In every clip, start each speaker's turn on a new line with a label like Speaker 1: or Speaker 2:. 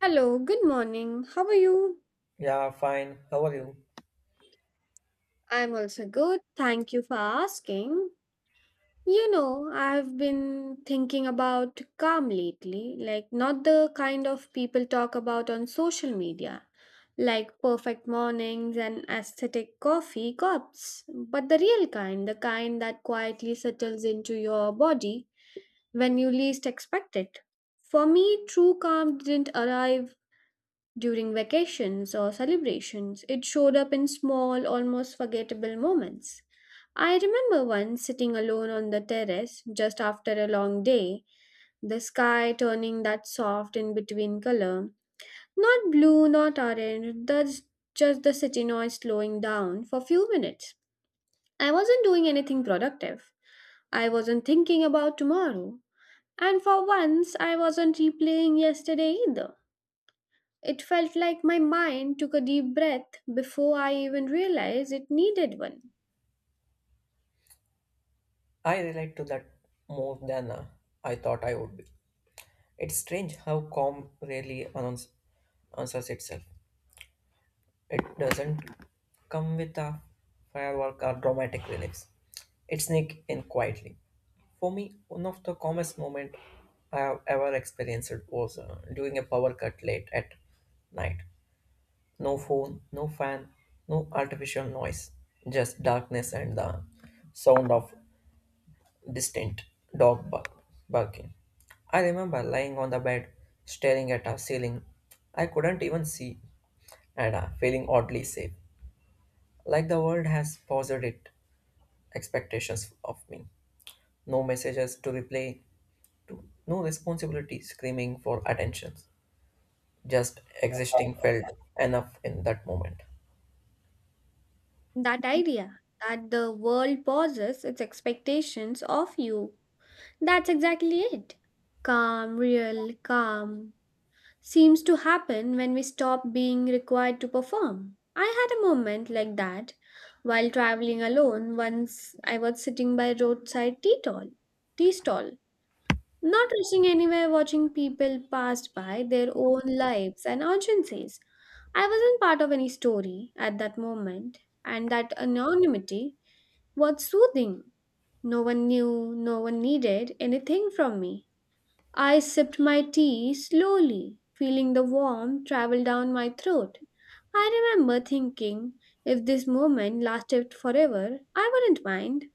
Speaker 1: Hello, good morning. How are you?
Speaker 2: Yeah, fine. How are you?
Speaker 1: I'm also good. Thank you for asking. You know, I've been thinking about calm lately, like not the kind of people talk about on social media, like perfect mornings and aesthetic coffee cups, but the real kind, the kind that quietly settles into your body when you least expect it. For me, true calm didn't arrive during vacations or celebrations. It showed up in small, almost forgettable moments. I remember once sitting alone on the terrace just after a long day, the sky turning that soft in between color. Not blue, not orange, that's just the city noise slowing down for few minutes. I wasn't doing anything productive. I wasn't thinking about tomorrow. And for once, I wasn't replaying yesterday either. It felt like my mind took a deep breath before I even realized it needed one.
Speaker 2: I relate to that more than I thought I would be. It's strange how calm answers itself. It doesn't come with a firework or dramatic reliefs. It sneaks in quietly. For me, one of the calmest moments I have ever experienced was during a power cut late at night. No phone, no fan, no artificial noise, just darkness and the sound of distant dog bark- barking. I remember lying on the bed, staring at a ceiling I couldn't even see, and feeling oddly safe, like the world has paused its expectations of me. No messages to reply to, no responsibility screaming for attention. Just existing felt enough in that moment.
Speaker 1: That idea that the world pauses its expectations of you. That's exactly it. Calm, real, calm seems to happen when we stop being required to perform. I had a moment like that while traveling alone. Once I was sitting by roadside tea stall. Tea stall Not rushing anywhere, watching people pass by their own lives and urgencies. I wasn't part of any story at that moment, and that anonymity was soothing. No one knew, no one needed anything from me. I sipped my tea slowly, feeling the warmth travel down my throat. I remember thinking, if this moment lasted forever, I wouldn't mind.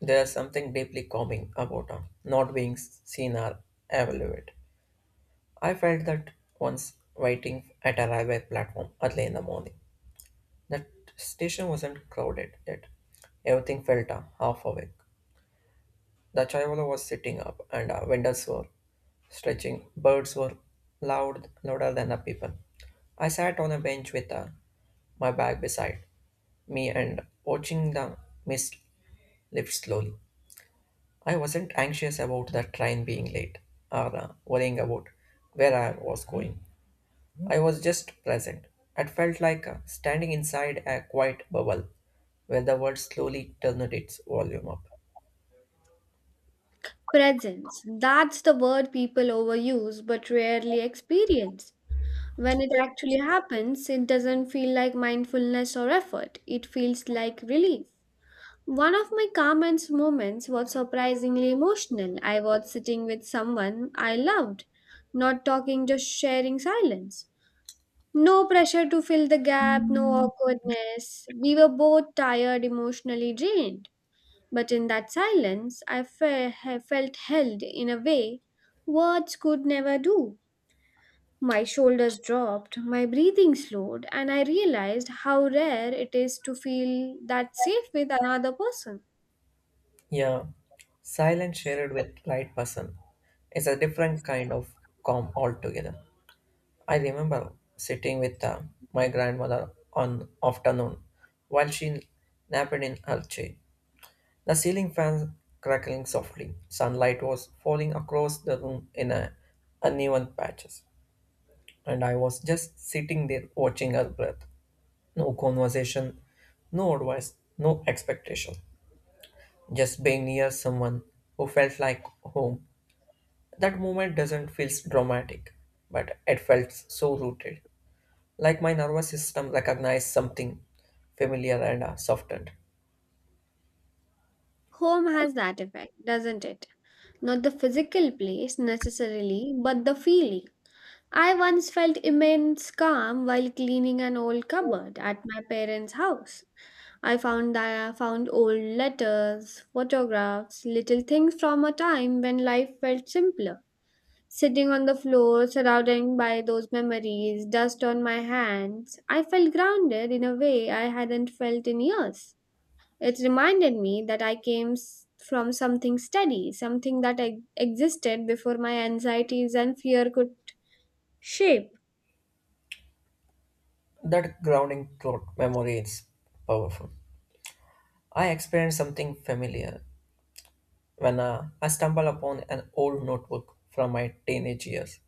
Speaker 2: There is something deeply calming about not being seen or evaluated. I felt that once waiting at a railway platform early in the morning. That station wasn't crowded yet. Everything felt half awake. The traveler was sitting up and windows were stretching. Birds were loud, louder than the people. I sat on a bench with my bag beside me and watching the mist lift slowly. I wasn't anxious about the train being late or worrying about where I was going. I was just present. It felt like standing inside a quiet bubble where the world slowly turned its volume up.
Speaker 1: Presence. That's the word people overuse but rarely experience. When it actually happens, it doesn't feel like mindfulness or effort, it feels like relief. One of my calmest moments was surprisingly emotional. I was sitting with someone I loved, not talking, just sharing silence. No pressure to fill the gap, no awkwardness. We were both tired, emotionally drained. But in that silence, felt held in a way words could never do. My shoulders dropped, my breathing slowed, and I realized how rare it is to feel that safe with another person.
Speaker 2: Yeah, silence shared with right person is a different kind of calm altogether. I remember sitting with my grandmother on afternoon while she napped in her chair. The ceiling fan crackling softly. Sunlight was falling across the room in a uneven patches. And I was just sitting there watching her breath. No conversation, no advice, no expectation. Just being near someone who felt like home. That moment doesn't feel dramatic, but it felt so rooted. Like my nervous system recognized something familiar and softened.
Speaker 1: Home has that effect, doesn't it? Not the physical place necessarily, but the feeling. I once felt immense calm while cleaning an old cupboard at my parents' house. I found old letters, photographs, little things from a time when life felt simpler. Sitting on the floor, surrounded by those memories, dust on my hands, I felt grounded in a way I hadn't felt in years. It reminded me that from something steady, something existed before my anxieties and fear could shape.
Speaker 2: That grounding thought memory is powerful. I experienced something familiar when I stumbled upon an old notebook from my teenage years.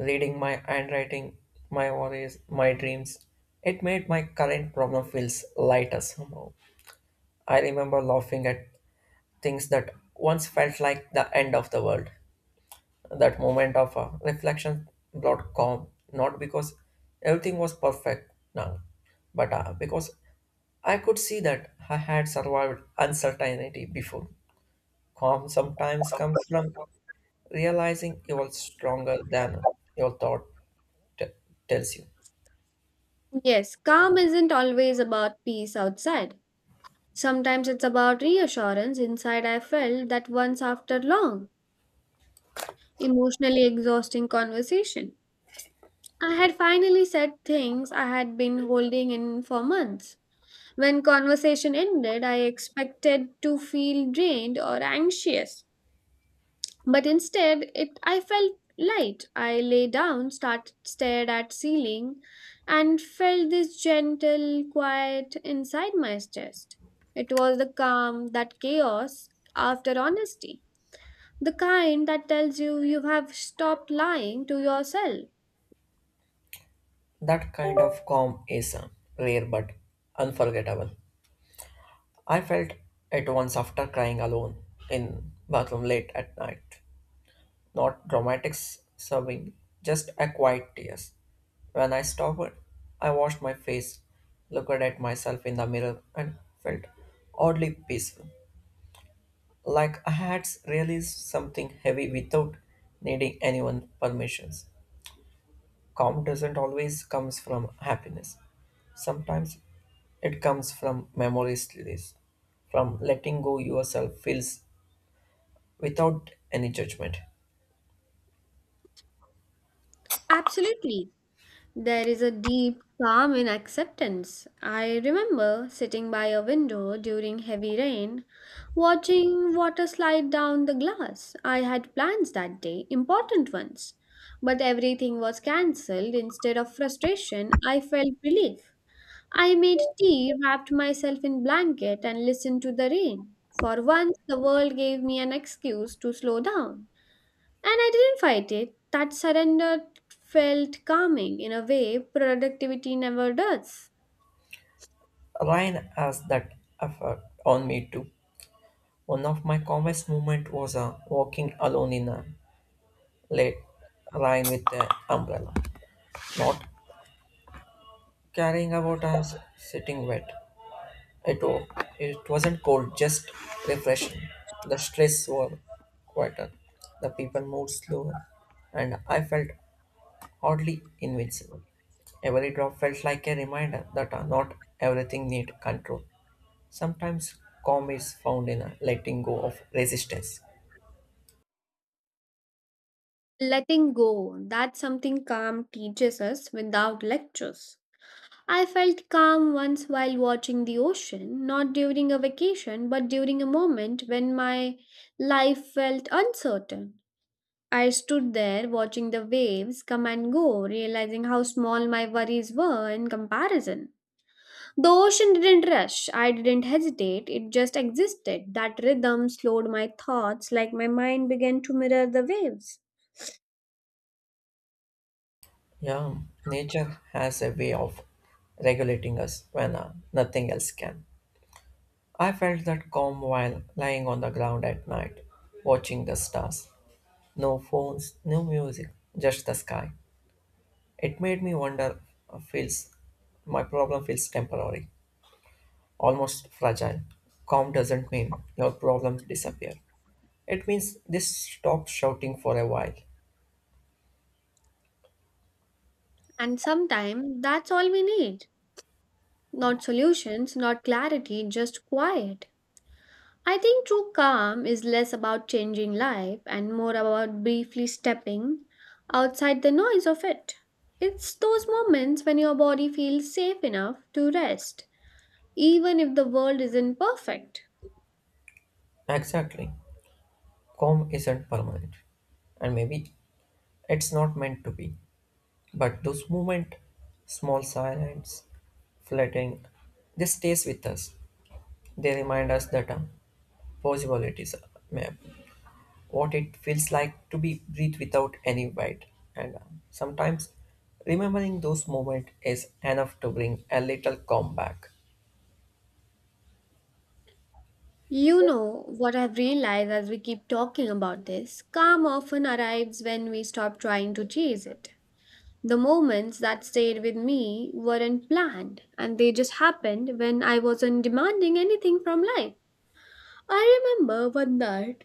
Speaker 2: Reading my handwriting, my worries, my dreams. It made my current problem feels lighter somehow. I remember laughing at things that once felt like the end of the world. That moment of reflection brought calm, not because everything was perfect now, but because I could see that I had survived uncertainty before. Calm sometimes comes from realizing you are stronger than your t- tells you.
Speaker 1: Yes, calm isn't always about peace outside. Sometimes it's about reassurance inside. I felt that once after long, emotionally exhausting conversation. I had finally said things I had been holding in for months. When conversation ended, I expected to feel drained or anxious, but instead, it I felt light. I lay down, stared at ceiling, and felt this gentle quiet inside my chest. It was the calm, that chaos after honesty. The kind that tells you you have stopped lying to yourself.
Speaker 2: That kind of calm is rare but unforgettable. I felt it once after crying alone in bathroom late at night. Not dramatic sobbing, just a quiet tears. When I stopped, I washed my face, looked at myself in the mirror, and felt oddly peaceful. Like I had released something heavy without needing anyone's permissions. Calm doesn't always comes from happiness. Sometimes it comes from memory release, from letting go yourself feels without any judgment.
Speaker 1: Absolutely. There is a deep calm in acceptance. I remember sitting by a window during heavy rain, watching water slide down the glass. I had plans that day, important ones, but everything was cancelled. Instead of frustration, I felt relief. I made tea, wrapped myself in blanket, and listened to the rain. For once, the world gave me an excuse to slow down. And I didn't fight it. That surrender felt calming in a way productivity never does.
Speaker 2: Ryan has that effect on me too. One of my calmest moment was walking alone in a late Ryan with an umbrella, not caring about us sitting wet. It, wa- it wasn't cold, just refreshing. The streets were quieter, the people moved slower, and I felt oddly invincible. Every drop felt like a reminder that not everything needs control. Sometimes calm is found in letting go of resistance.
Speaker 1: Letting go, that's something calm teaches us without lectures. I felt calm once while watching the ocean, not during a vacation, but during a moment when my life felt uncertain. I stood there watching the waves come and go, realizing how small my worries were in comparison. The ocean didn't rush. I didn't hesitate. It just existed. That rhythm slowed my thoughts like my mind began to mirror the waves.
Speaker 2: Yeah, nature has a way of regulating us when nothing else can. I felt that calm while lying on the ground at night, watching the stars. No phones, no music, just the sky. It made me wonder, feels my problem feels temporary, almost fragile. Calm doesn't mean your problems disappear. It means they stop shouting for a while.
Speaker 1: And sometimes that's all we need. Not solutions, not clarity, just quiet. I think true calm is less about changing life and more about briefly stepping outside the noise of it. It's those moments when your body feels safe enough to rest, even if the world isn't perfect.
Speaker 2: Exactly. Calm isn't permanent. And maybe it's not meant to be. But those moments, small silence, flirting, they stays with us. They remind us that possibilities may what it feels like to be breathe without any weight. And sometimes remembering those moments is enough to bring a little calm back.
Speaker 1: You know what I've realized as we keep talking about this? Calm often arrives when we stop trying to chase it. The moments that stayed with me weren't planned, and they just happened when I wasn't demanding anything from life. I remember one night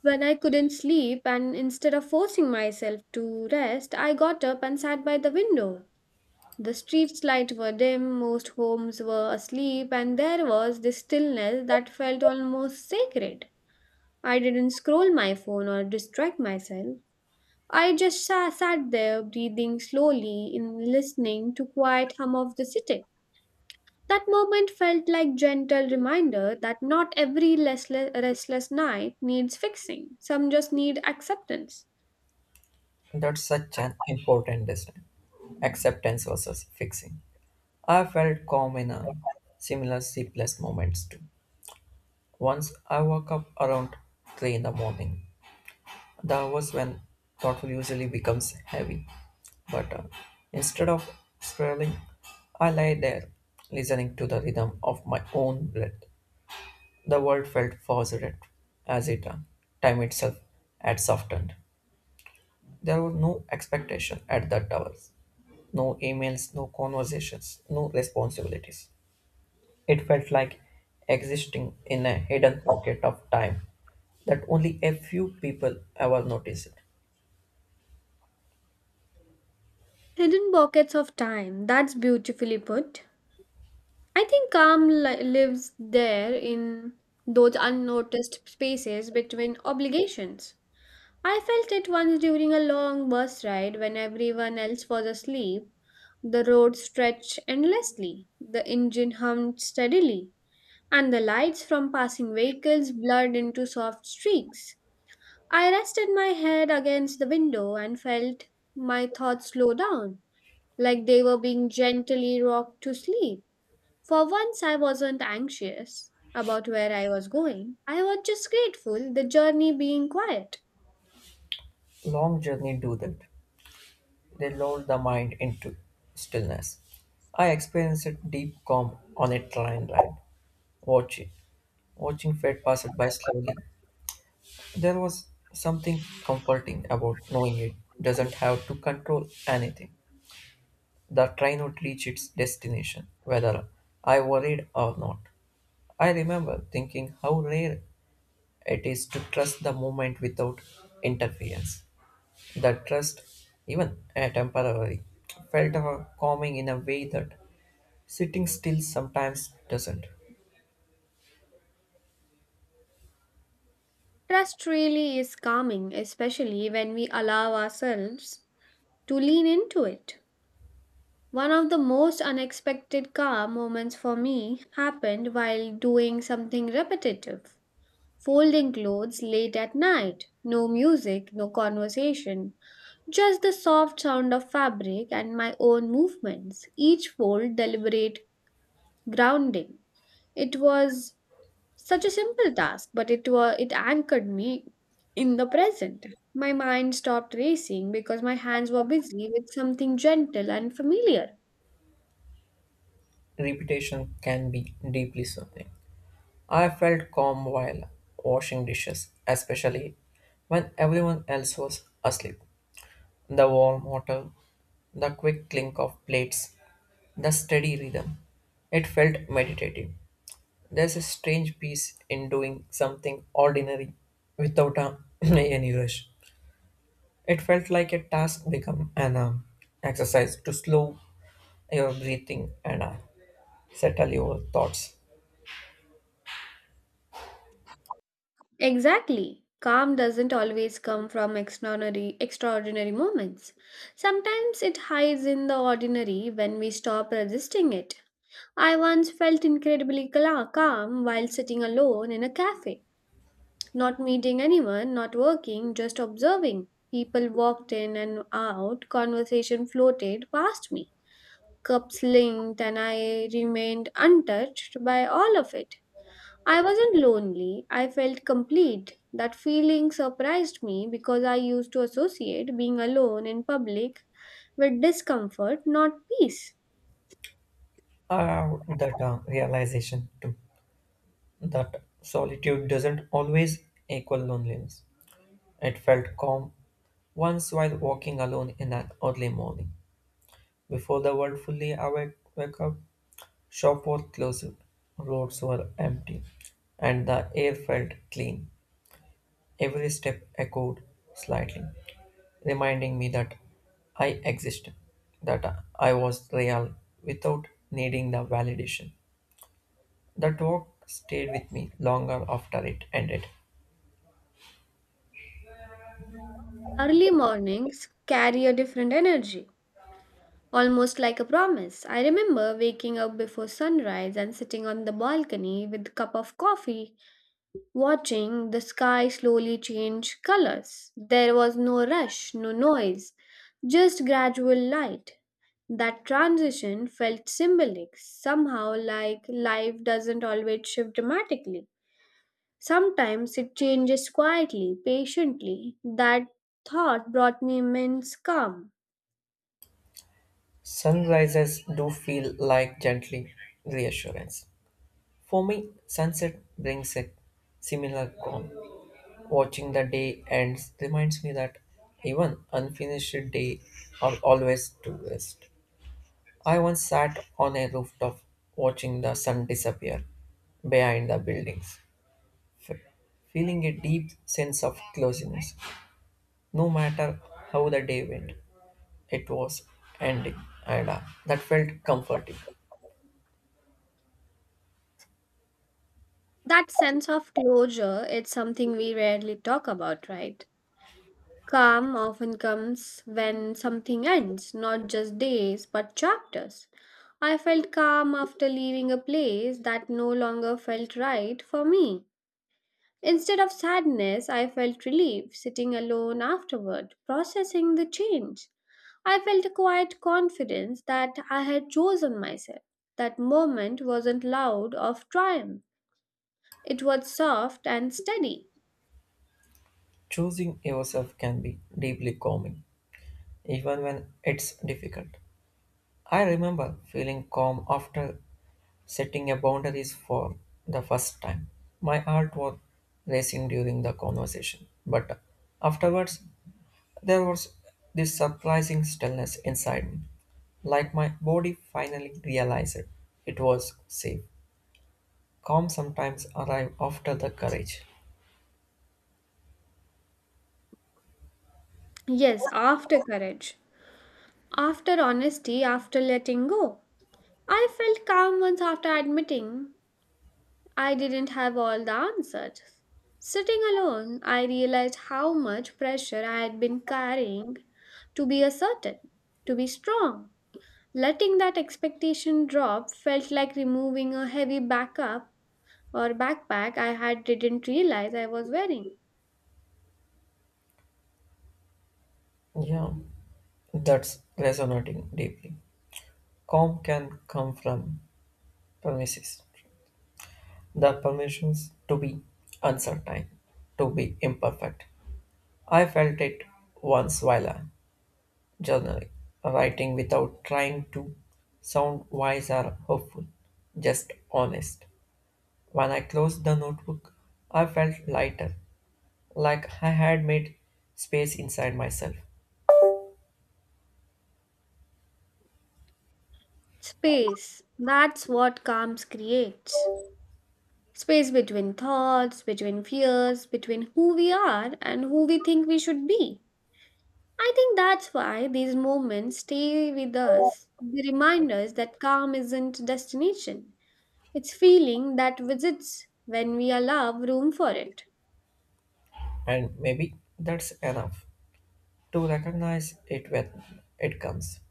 Speaker 1: when I couldn't sleep, and instead of forcing myself to rest, I got up and sat by the window. The street's lights were dim, most homes were asleep, and there was this stillness that felt almost sacred. I didn't scroll my phone or distract myself. I just sat there breathing slowly and listening to quiet hum of the city. That moment felt like gentle reminder that not every restless night needs fixing. Some just need acceptance.
Speaker 2: That's such an important decision. Acceptance versus fixing. I felt calm in a similar sleepless moments too. Once I woke up around 3 in the morning. That was when thoughtful usually becomes heavy. But instead of swirling, I lay there, listening to the rhythm of my own breath. The world felt forced as it time itself had softened. There was no expectation at the towers, no emails, no conversations, no responsibilities. It felt like existing in a hidden pocket of time that only a few people ever notice.
Speaker 1: Hidden pockets of time. That's beautifully put. I think lives there in those unnoticed spaces between obligations. I felt it once during a long bus ride when everyone else was asleep. The road stretched endlessly, the engine hummed steadily, and the lights from passing vehicles blurred into soft streaks. I rested my head against the window and felt my thoughts slow down, like they were being gently rocked to sleep. For once, I wasn't anxious about where I was going. I was just grateful, the journey being quiet.
Speaker 2: Long journey do that. They lull the mind into stillness. I experienced a deep calm on a train ride, watching, watching fate pass it by slowly. There was something comforting about knowing it doesn't have to control anything. The train would reach its destination, whether I worried or not. I remember thinking how rare it is to trust the moment without interference. The trust, even a temporary, felt calming in a way that sitting still sometimes doesn't.
Speaker 1: Trust really is calming, especially when we allow ourselves to lean into it. One of the most unexpected calm moments for me happened while doing something repetitive. Folding clothes late at night. No music, no conversation. Just the soft sound of fabric and my own movements. Each fold deliberate grounding. It was such a simple task, but it anchored me in the present. My mind stopped racing because my hands were busy with something gentle and familiar.
Speaker 2: Repetition can be deeply soothing. I felt calm while washing dishes, especially when everyone else was asleep. The warm water, the quick clink of plates, the steady rhythm. It felt meditative. There's a strange peace in doing something ordinary without a, any rush. It felt like a task become an exercise to slow your breathing and settle your thoughts.
Speaker 1: Exactly. Calm doesn't always come from extraordinary moments. Sometimes it hides in the ordinary when we stop resisting it. I once felt calm while sitting alone in a cafe. Not meeting anyone, not working, just observing. People walked in and out, conversation floated past me. Cups linked, and I remained untouched by all of it. I wasn't lonely, I felt complete. That feeling surprised me because I used to associate being alone in public with discomfort, not peace.
Speaker 2: I have that realization too that solitude doesn't always equal loneliness. It felt calm once while walking alone in an early morning. Before the world wake up, shop was closed, roads were empty, and the air felt clean. Every step echoed slightly, reminding me that I existed, that I was real without needing the validation. The talk stayed with me longer after it ended.
Speaker 1: Early mornings carry a different energy. Almost like a promise. I remember waking up before sunrise and sitting on the balcony with a cup of coffee, watching the sky slowly change colors. There was no rush, no noise, just gradual light. That transition felt symbolic, somehow like life doesn't always shift dramatically. Sometimes it changes quietly, patiently. That thought brought me immense calm.
Speaker 2: Sunrises do feel like gently reassurance. For me, sunset brings a similar calm. Watching the day ends reminds me that even unfinished day are always to rest. I once sat on a rooftop watching the sun disappear behind the buildings, f- feeling a deep sense of closeness. No matter how the day went, it was ending, and that felt comforting.
Speaker 1: That sense of closure, it's something we rarely talk about, right? Calm often comes when something ends, not just days, but chapters. I felt calm after leaving a place that no longer felt right for me. Instead of sadness, I felt relief sitting alone afterward, processing the change. I felt a quiet confidence that I had chosen myself. That moment wasn't loud of triumph, it was soft and steady.
Speaker 2: Choosing yourself can be deeply calming, even when it's difficult. I remember feeling calm after setting a boundaries for the first time. My heart was racing during the conversation, but afterwards there was this surprising stillness inside me, like my body finally realized it was safe. Calm sometimes arrive after the courage.
Speaker 1: Yes, after courage. After honesty, after letting go. I felt calm once after admitting I didn't have all the answers. Sitting alone, I realized how much pressure I had been carrying to be asserted, to be strong. Letting that expectation drop felt like removing a heavy backup or backpack I had didn't realize I was wearing.
Speaker 2: Yeah, that's resonating deeply. Calm can come from premises. The permissions to be uncertain, to be imperfect. I felt it once while journaling, writing without trying to sound wise or hopeful, just honest. When I closed the notebook, I felt lighter, like I had made space inside myself.
Speaker 1: Space. That's what calms creates. Space between thoughts, between fears, between who we are and who we think we should be. I think that's why these moments stay with us. They remind us that calm isn't destination. It's feeling that visits when we allow room for it.
Speaker 2: And maybe that's enough to recognize it when it comes,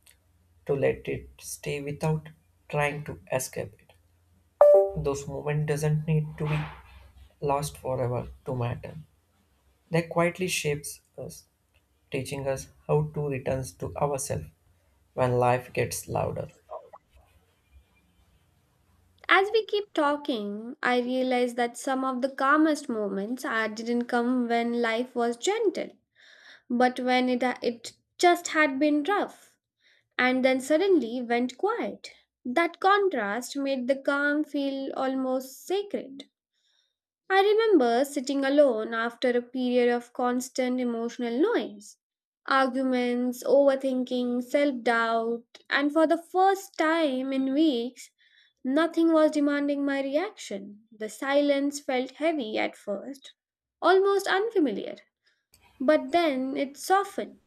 Speaker 2: to let it stay without trying to escape it. Those moments doesn't need to be lost forever to matter. They quietly shapes us, teaching us how to return to ourselves when life gets louder.
Speaker 1: As we keep talking, I realize that some of the calmest moments I didn't come when life was gentle, but when it just had been rough and then suddenly went quiet. That contrast made the calm feel almost sacred. I remember sitting alone after a period of constant emotional noise, arguments, overthinking, self doubt, and for the first time in weeks, nothing was demanding my reaction. The silence felt heavy at first, almost unfamiliar. But then it softened.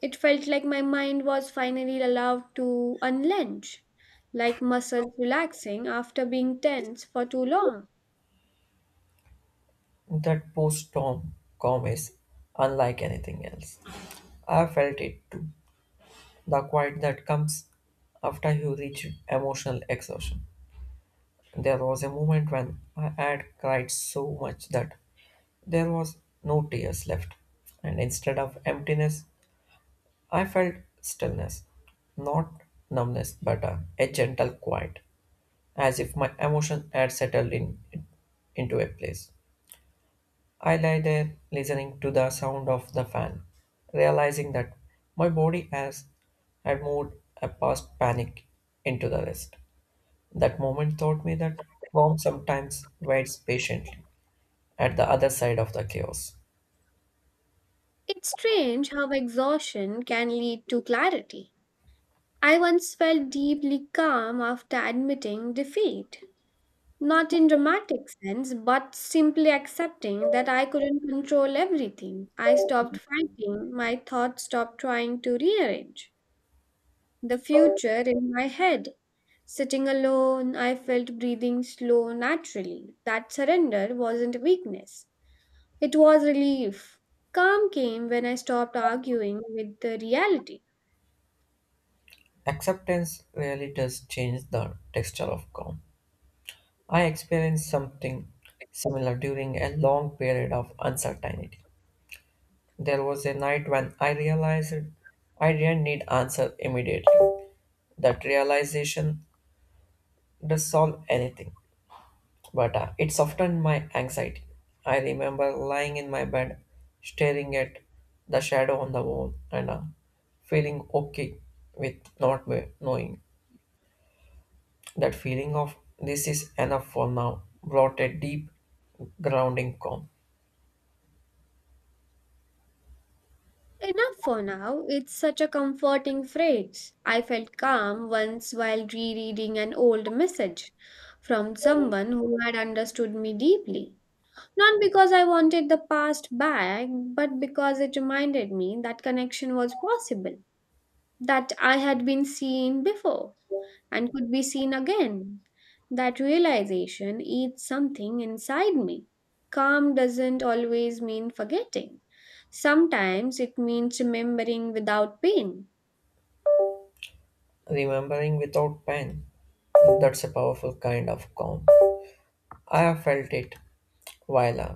Speaker 1: It felt like my mind was finally allowed to unlench, like muscles relaxing after being tense for too long.
Speaker 2: That post-storm calm is unlike anything else. I felt it too. The quiet that comes after you reach emotional exhaustion. There was a moment when I had cried so much that there was no tears left, and instead of emptiness, I felt stillness, not numbness, but a gentle quiet, as if my emotion had settled in into a place. I lay there listening to the sound of the fan, realizing that my body has had moved a past panic into the rest. That moment taught me that calm sometimes waits patiently at the other side of the chaos.
Speaker 1: It's strange how exhaustion can lead to clarity. I once felt deeply calm after admitting defeat. Not in dramatic sense, but simply accepting that I couldn't control everything. I stopped fighting, my thoughts stopped trying to rearrange the future in my head. Sitting alone, I felt breathing slow naturally. That surrender wasn't weakness, it was relief. Calm came when I stopped arguing with the reality.
Speaker 2: Acceptance really does change the texture of calm. I experienced something similar during a long period of uncertainty. There was a night when I realized I didn't need answer immediately. That realization does solve anything, but it softened my anxiety. I remember lying in my bed, staring at the shadow on the wall, and feeling okay with not knowing. That feeling of this is enough for now brought a deep, grounding calm.
Speaker 1: Enough for now, it's such a comforting phrase. I felt calm once while rereading an old message from someone who had understood me deeply. Not because I wanted the past back, but because it reminded me that connection was possible. That I had been seen before and could be seen again. That realization eats something inside me. Calm doesn't always mean forgetting, sometimes it means remembering without pain.
Speaker 2: Remembering without pain, that's a powerful kind of calm. I have felt it while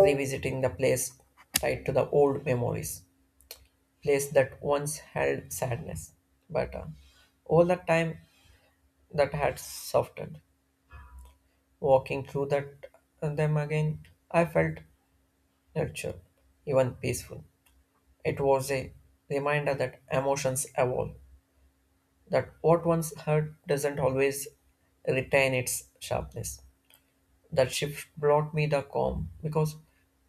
Speaker 2: revisiting the place tied to the old memories, place that once held sadness, but all the time that had softened. Walking through that them again, I felt nurtured, even peaceful. It was a reminder that emotions evolve, that what once hurt doesn't always retain its sharpness. That shift brought me the calm because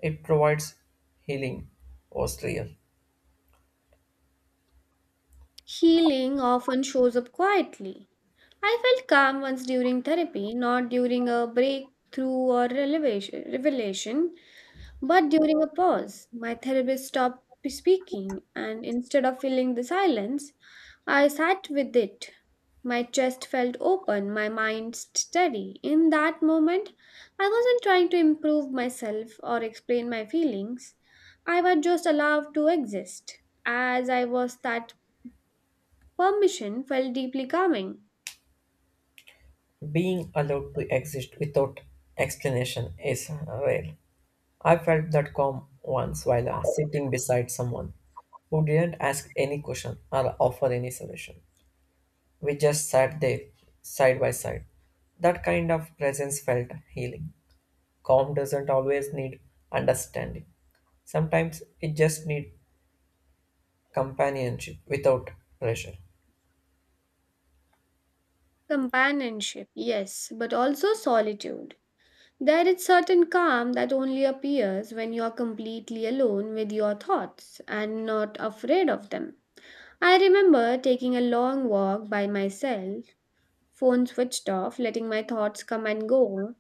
Speaker 2: it provides healing was real.
Speaker 1: Healing often shows up quietly. I felt calm once during therapy, not during a breakthrough or revelation. But during a pause, my therapist stopped speaking, and instead of filling the silence, I sat with it. My chest felt open, my mind steady. In that moment, I wasn't trying to improve myself or explain my feelings. I was just allowed to exist. As I was, that permission felt deeply calming.
Speaker 2: Being allowed to exist without explanation is rare. I felt that calm once while sitting beside someone who didn't ask any question or offer any solution. We just sat there side by side. That kind of presence felt healing. Calm doesn't always need understanding. Sometimes it just needs companionship without pressure.
Speaker 1: Companionship, yes, but also solitude. There is certain calm that only appears when you are completely alone with your thoughts and not afraid of them. I remember taking a long walk by myself, phone switched off, letting my thoughts come and go,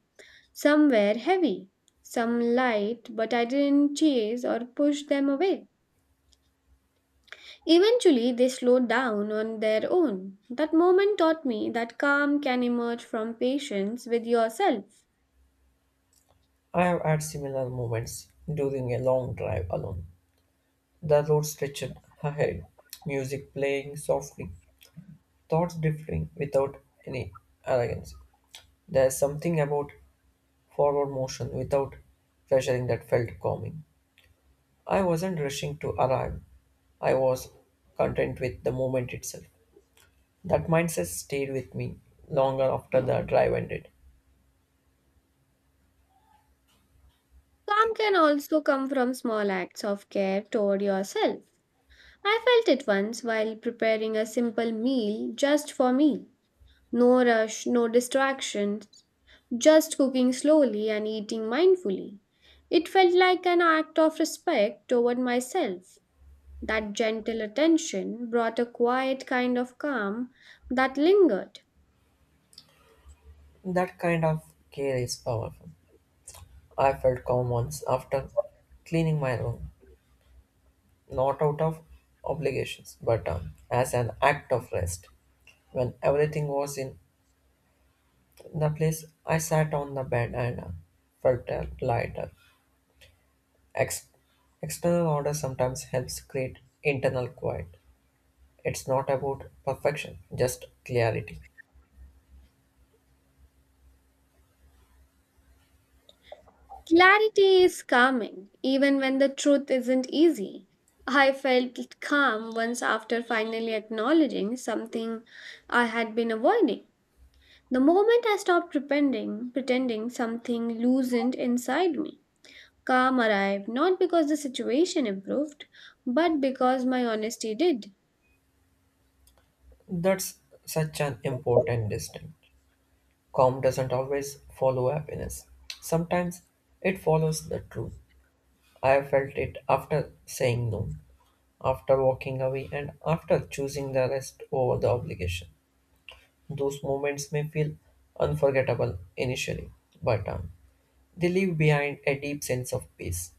Speaker 1: some were heavy, some light, but I didn't chase or push them away. Eventually, they slowed down on their own. That moment taught me that calm can emerge from patience with yourself.
Speaker 2: I have had similar moments during a long drive alone. The road stretched ahead, music playing softly, thoughts differing without any arrogance. There is something about forward motion without pressuring that felt calming. I wasn't rushing to arrive, I was content with the moment itself. That mindset stayed with me longer after the drive ended.
Speaker 1: Calm can also come from small acts of care toward yourself. I felt it once while preparing a simple meal just for me. No rush, no distractions, just cooking slowly and eating mindfully. It felt like an act of respect toward myself. That gentle attention brought a quiet kind of calm that lingered.
Speaker 2: That kind of care is powerful. I felt calm once after cleaning my room. Not out of obligations, but as an act of rest. When everything was in the place, I sat on the bed and felt lighter. Ex- External order sometimes helps create internal quiet. It's not about perfection, just clarity.
Speaker 1: Clarity is calming, even when the truth isn't easy. I felt calm once after finally acknowledging something I had been avoiding. The moment I stopped pretending something loosened inside me. Calm arrived not because the situation improved, but because my honesty did.
Speaker 2: That's such an important distinction. Calm doesn't always follow happiness. Sometimes it follows the truth. I felt it after saying no. After walking away and after choosing the rest over the obligation. Those moments may feel unforgettable initially, but they leave behind a deep sense of peace.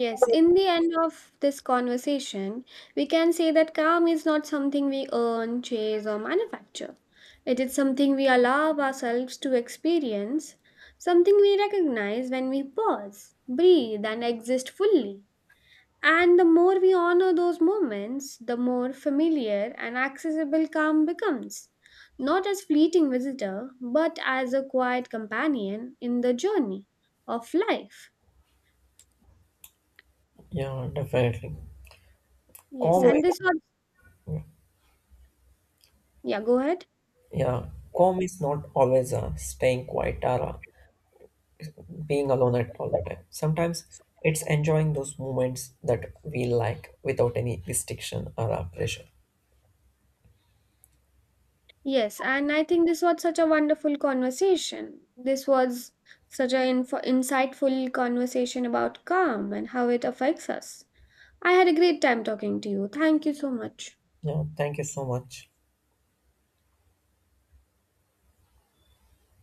Speaker 1: Yes, in the end of this conversation, we can say that calm is not something we earn, chase, or manufacture. It is something we allow ourselves to experience, something we recognize when we pause, breathe, and exist fully. And the more we honor those moments, the more familiar and accessible calm becomes, not as fleeting visitor, but as a quiet companion in the journey of life.
Speaker 2: Yeah, definitely.
Speaker 1: Yes,
Speaker 2: Calm,
Speaker 1: and this was, yeah, go ahead.
Speaker 2: yeah, calm is not always staying quiet or being alone at all the time. Sometimes it's enjoying those moments that we like without any restriction or pressure.
Speaker 1: Yes, and I think this was such a wonderful conversation. This was such an insightful conversation about calm and how it affects us. I had a great time talking to you. Thank you so much.
Speaker 2: Yeah, thank you so much.